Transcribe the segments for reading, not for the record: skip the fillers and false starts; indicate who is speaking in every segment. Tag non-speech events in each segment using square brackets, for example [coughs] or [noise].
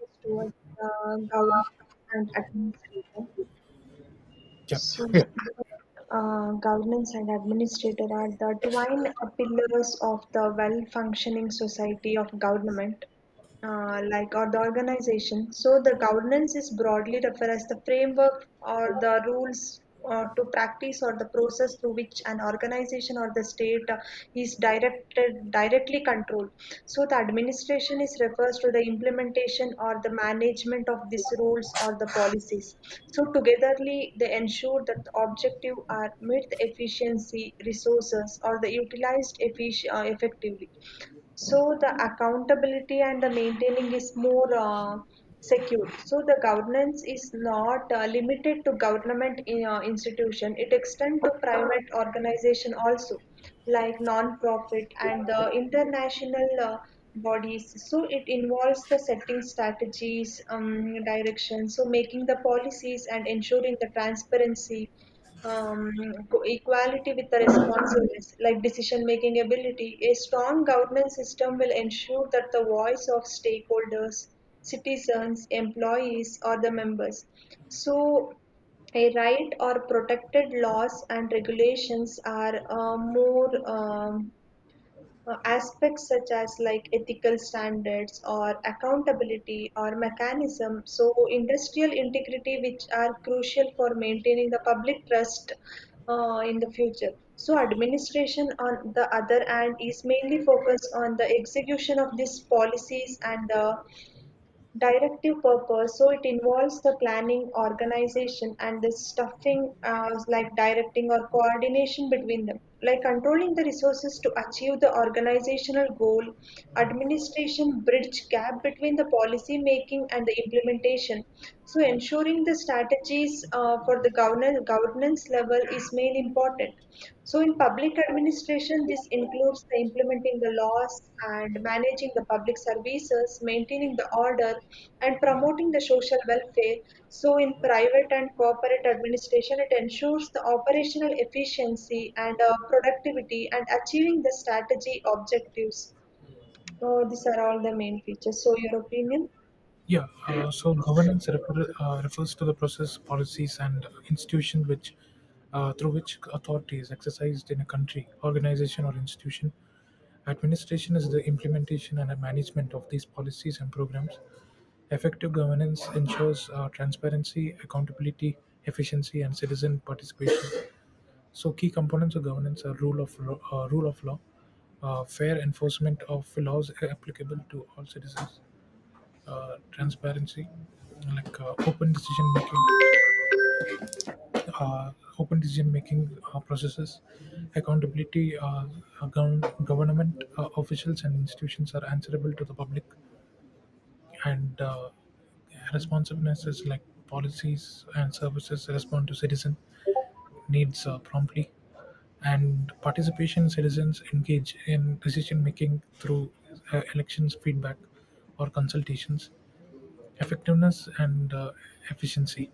Speaker 1: Is towards the governance and administrator.
Speaker 2: Yeah,
Speaker 1: So,
Speaker 2: Yeah.
Speaker 1: uh, governance and administrator are the twin pillars of the well functioning society of government like or the organization. So the governance is broadly referred as the framework or the rules to practice or the process through which an organization or the state is directed directly controlled. So the administration is refers to the implementation or the management of these rules or the policies. So togetherly they ensure that the objective are met the efficiency, resources or the utilized effectively. So the accountability and the maintaining is more secure. So the governance is not limited to government institution. It extends to private organization also, like non-profit and the international bodies. So it involves the setting strategies, direction. So making the policies and ensuring the transparency um, equality with the responsiveness, like decision making ability. A strong governance system will ensure that the voice of stakeholders, citizens, employees, or the members. So, a right or protected laws and regulations are more. Aspects such as like ethical standards or accountability or mechanism, so industrial integrity which are crucial for maintaining the public trust in the future. So administration on the other hand is mainly focused on the execution of these policies and the directive purpose, so it involves the planning organization and the stuffing like directing or coordination between them, like controlling the resources to achieve the organizational goal. Administration bridge gap between the policy making and the implementation, so ensuring the strategies for the governance level is main important. So in public administration, this includes the implementing the laws and managing the public services, maintaining the order, and promoting the social welfare. So in private and corporate administration, it ensures the operational efficiency and productivity and achieving the strategy objectives. So these are all the main features. So your opinion?
Speaker 2: Yeah. Governance refers to the process, policies, and institutions which, through which authority is exercised in a country, organization, or institution. Administration is the implementation and management of these policies and programs. Effective governance ensures transparency, accountability, efficiency, and citizen participation. So, key components of governance are rule of law, fair enforcement of laws applicable to all citizens, transparency, like uh, open decision making processes, accountability. Government officials and institutions are answerable to the public, and responsiveness, like policies and services respond to citizen needs promptly, and participation, citizens engage in decision making through elections, feedback, or consultations. Effectiveness and efficiency,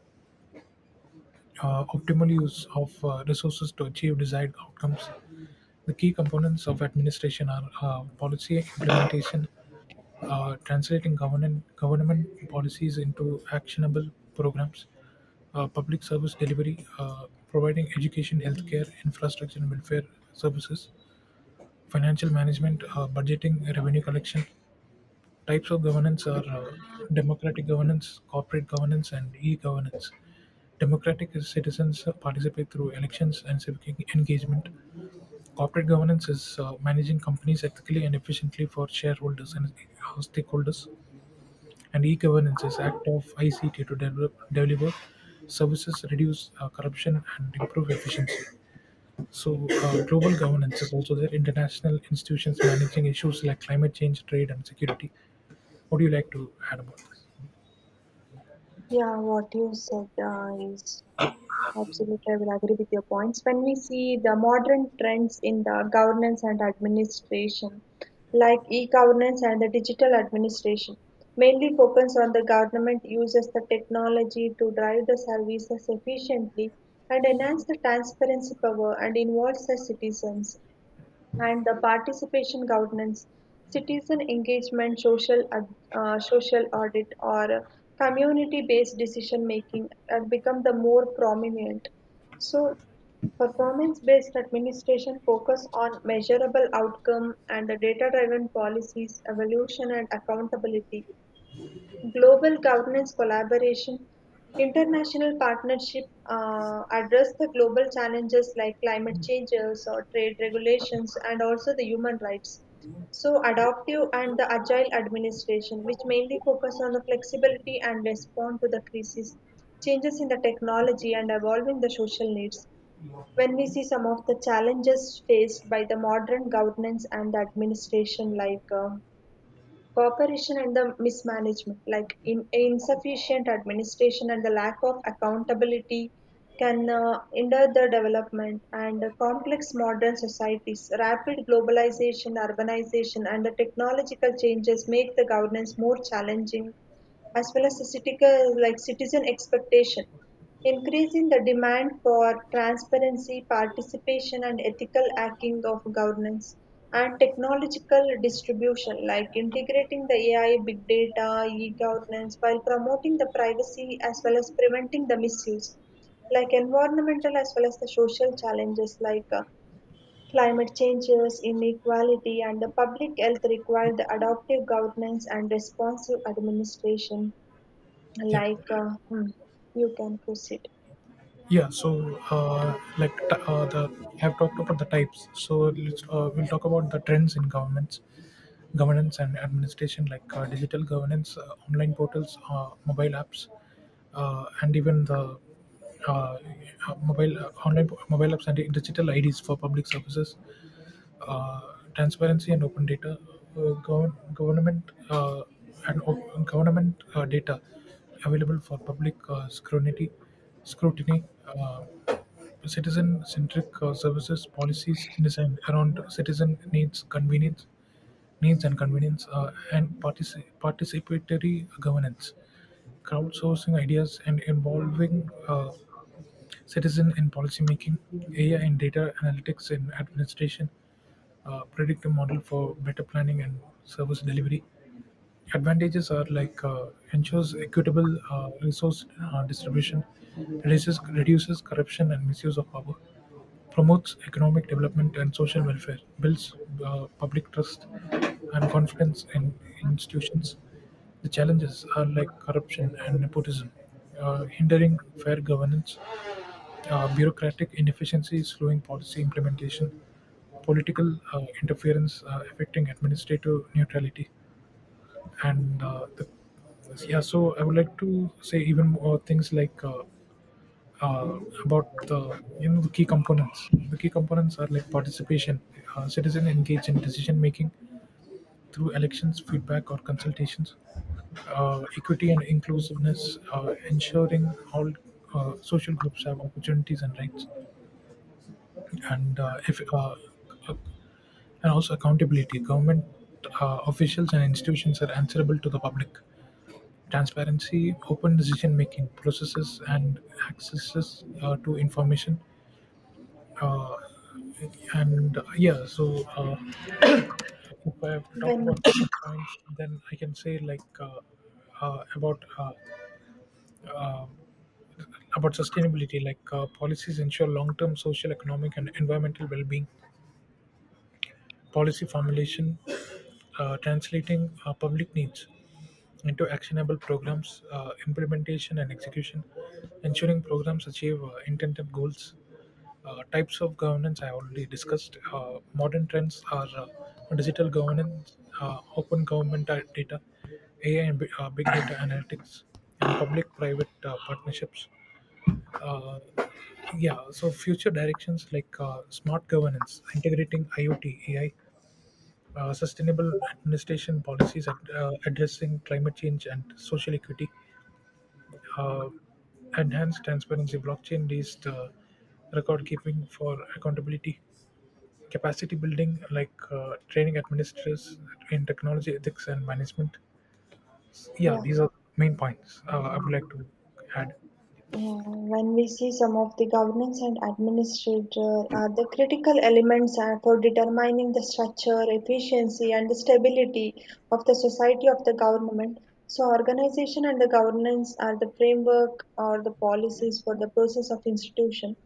Speaker 2: optimal use of resources to achieve desired outcomes. The key components of administration are policy implementation, translating government policies into actionable programs, public service delivery, providing education, healthcare, infrastructure, and welfare services, financial management, budgeting, revenue collection. Types of governance are democratic governance, corporate governance, and e-governance. Democratic is citizens participate through elections and civic engagement. Corporate governance is managing companies ethically and efficiently for shareholders and stakeholders. And e-governance is act of ICT to develop, deliver services, reduce corruption, and improve efficiency. So, global governance is also there. International institutions managing issues like climate change, trade, and security. What do you like to add about?
Speaker 1: Yeah, what you said is absolutely, I will agree with your points. When we see the modern trends in the governance and administration, like e governance and the digital administration, mainly focus on the government uses the technology to drive the services efficiently and enhance the transparency power and involves the citizens and the participation governance, citizen engagement, social, social audit, or community-based decision making have become the more prominent. So, performance-based administration focus on measurable outcome and the data-driven policies, evolution, and accountability. Global governance collaboration, international partnership address the global challenges like climate changes or trade regulations and also the human rights. So adaptive and the agile administration, which mainly focus on the flexibility and respond to the crisis, changes in the technology and evolving the social needs. When we see some of the challenges faced by the modern governance and administration, like cooperation and the mismanagement, like in insufficient administration and the lack of accountability, can hinder the development and complex modern societies. Rapid globalization, urbanization, and the technological changes make the governance more challenging, as well as the citizen, like citizen expectation. Increasing the demand for transparency, participation and ethical hacking of governance, and technological distribution, like integrating the AI, big data, e-governance, while promoting the privacy as well as preventing the misuse, like environmental as well as the social challenges like climate changes, inequality, and the public health require the adaptive governance and responsive administration.
Speaker 2: Yeah,
Speaker 1: Like hmm, you can proceed
Speaker 2: yeah. So, like t- the we have talked about the types. So let's we'll talk about the trends in governments, governance and administration, like digital governance, online portals, mobile apps, and even the uh, mobile online mobile apps and digital IDs for public services. Transparency and open data, uh, gov- government uh, government data available for public scrutiny, uh, citizen-centric services policies designed around citizen needs, convenience, needs and convenience, and participatory governance, crowdsourcing ideas and involving citizens in policymaking, AI in data analytics in administration, predictive model for better planning and service delivery. Advantages are ensures equitable resource distribution, reduces corruption and misuse of power, promotes economic development and social welfare, builds public trust and confidence in institutions. The challenges are like corruption and nepotism, hindering fair governance, bureaucratic inefficiency slowing policy implementation, political interference affecting administrative neutrality, and uh, the, yeah. So I would like to say even more things uh, about the the key components. The key components are like participation, citizen engaged in decision making through elections, feedback, or consultations, equity and inclusiveness, ensuring all social groups have opportunities and rights, and if ac- and also accountability. Government officials and institutions are answerable to the public. Transparency, open decision making processes, and accesses to information. Uh, and yeah, so If I have to talk about
Speaker 1: when.
Speaker 2: [coughs] other points, then I can say uh, about uh, uh, about sustainability, like policies ensure long-term social, economic, and environmental well-being. Policy formulation, translating public needs into actionable programs, implementation and execution, ensuring programs achieve intended goals. Types of governance I already discussed. Modern trends are digital governance, open government data, AI and big data analytics, and public-private partnerships. Uh, yeah, so future directions like smart governance, integrating IoT, AI, sustainable administration policies addressing climate change and social equity, uh, enhanced transparency, blockchain based record keeping for accountability, capacity building like training administrators in technology, ethics, and management. Yeah,
Speaker 1: Yeah,
Speaker 2: these are main points I would like to add.
Speaker 1: yeah. When we see some of the governance and administrator are the critical elements for determining the structure, efficiency, and the stability of the society of the government. So, organization and the governance are the framework or the policies for the process of institution.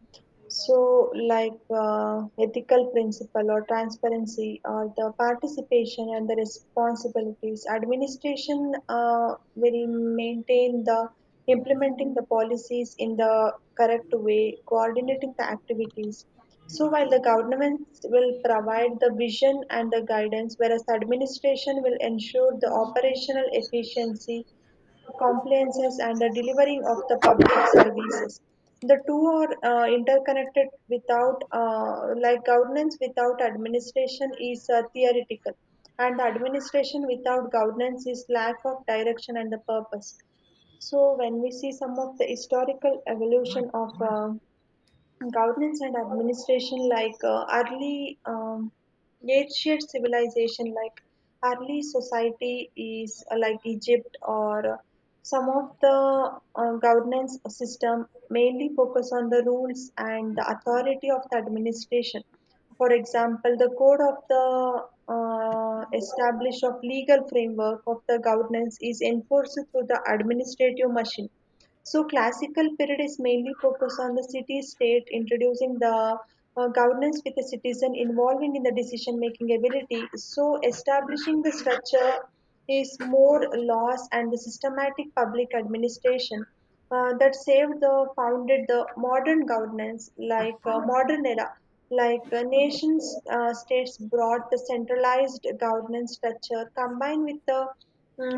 Speaker 1: So, like ethical principle or transparency or the participation and the responsibilities, administration will maintain the implementing the policies in the correct way, coordinating the activities. So, while the governments will provide the vision and the guidance, whereas the administration will ensure the operational efficiency compliances and the delivering of the public services. The two are interconnected without, like governance without administration is theoretical, and the administration without governance is lack of direction and the purpose. So, when we see some of the historical evolution of governance and administration, like early ancient civilization, like early society is like Egypt or some of the governance system mainly focus on the rules and the authority of the administration. For example, the code of the established of legal framework of the governance is enforced through the administrative machine. So classical period is mainly focused on the city-state introducing the governance with the citizen involvement in the decision-making ability. So establishing the structure is more laws and the systematic public administration that saved the founded the modern governance, like modern era, like nations states brought the centralized governance structure combined with the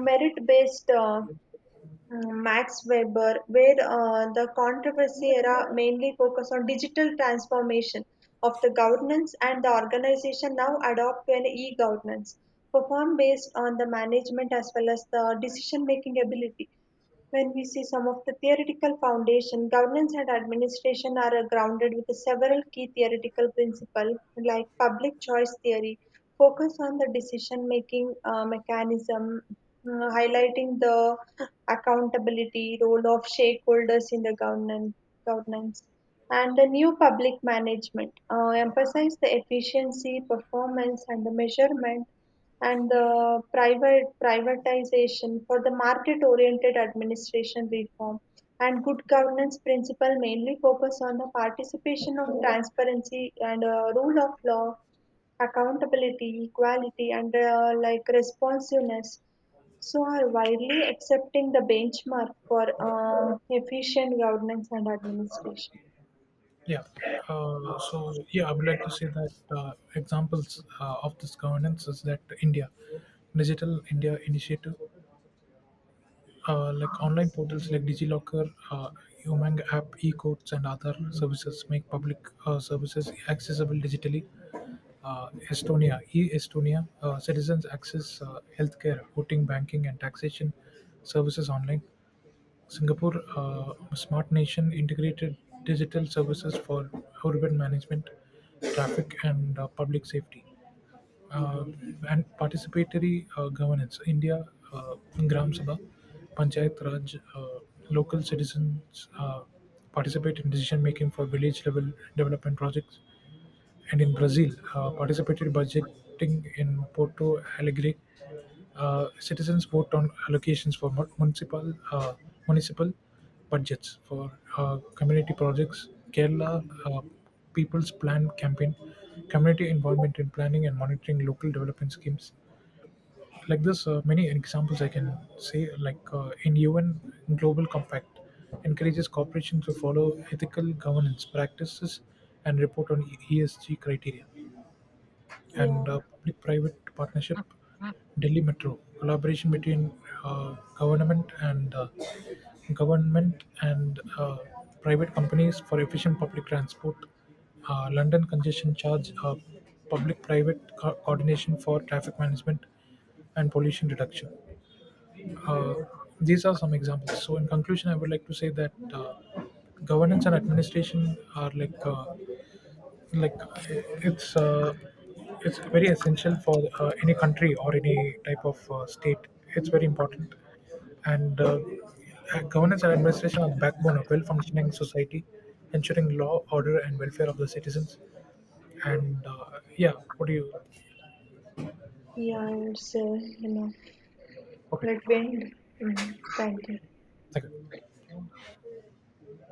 Speaker 1: merit based mm, Max Weber, where the controversy era mainly focused on digital transformation of the governance and the organization now adopt to an e-governance performed based on the management as well as the decision-making ability. When we see some of the theoretical foundation, governance and administration are grounded with several key theoretical principles like public choice theory, focus on the decision-making mechanism, highlighting the accountability role of stakeholders in the governance. And the new public management emphasize the efficiency, performance, and the measurement and the private privatization for the market oriented administration reform, and good governance principle mainly focus on the participation of transparency and rule of law, accountability, equality and like responsiveness, so are widely accepting the benchmark for efficient governance and administration.
Speaker 2: Yeah. I would like to say that examples of this governance is that, India Digital India Initiative, like online portals like DigiLocker, Umang app, e-courts, and other services make public services accessible digitally. Estonia, e-Estonia, citizens access healthcare, voting, banking, and taxation services online. Singapore, smart nation, integrated digital services for urban management, traffic, and public safety, uh, and participatory governance. India, uh, Gram Sabha, Panchayat Raj, local citizens participate in decision making for village level development projects, and in Brazil, participated budgeting in Porto Alegre. Citizens vote on allocations for municipal budgets for community projects. Kerala People's Plan campaign, community involvement in planning and monitoring local development schemes. Like this, many examples I can say. Like in UN Global Compact, encourages corporations to follow ethical governance practices and report on ESG criteria, and
Speaker 1: Yeah,
Speaker 2: public-private partnership, Delhi Metro, collaboration between uh, government and uh, government and private companies for efficient public transport, London congestion charge, public-private coordination for traffic management and pollution reduction. Uh, these are some examples. So, in conclusion, I would like to say that governance and administration are like it's uh, it's very essential for any country or any type of state. It's very important, and governance and administration are the backbone of well functioning society, ensuring law, order, and welfare of the citizens. And yeah what do you
Speaker 1: yeah, it's you know
Speaker 2: Okay,
Speaker 1: like when, mm, thank you.
Speaker 2: thank you.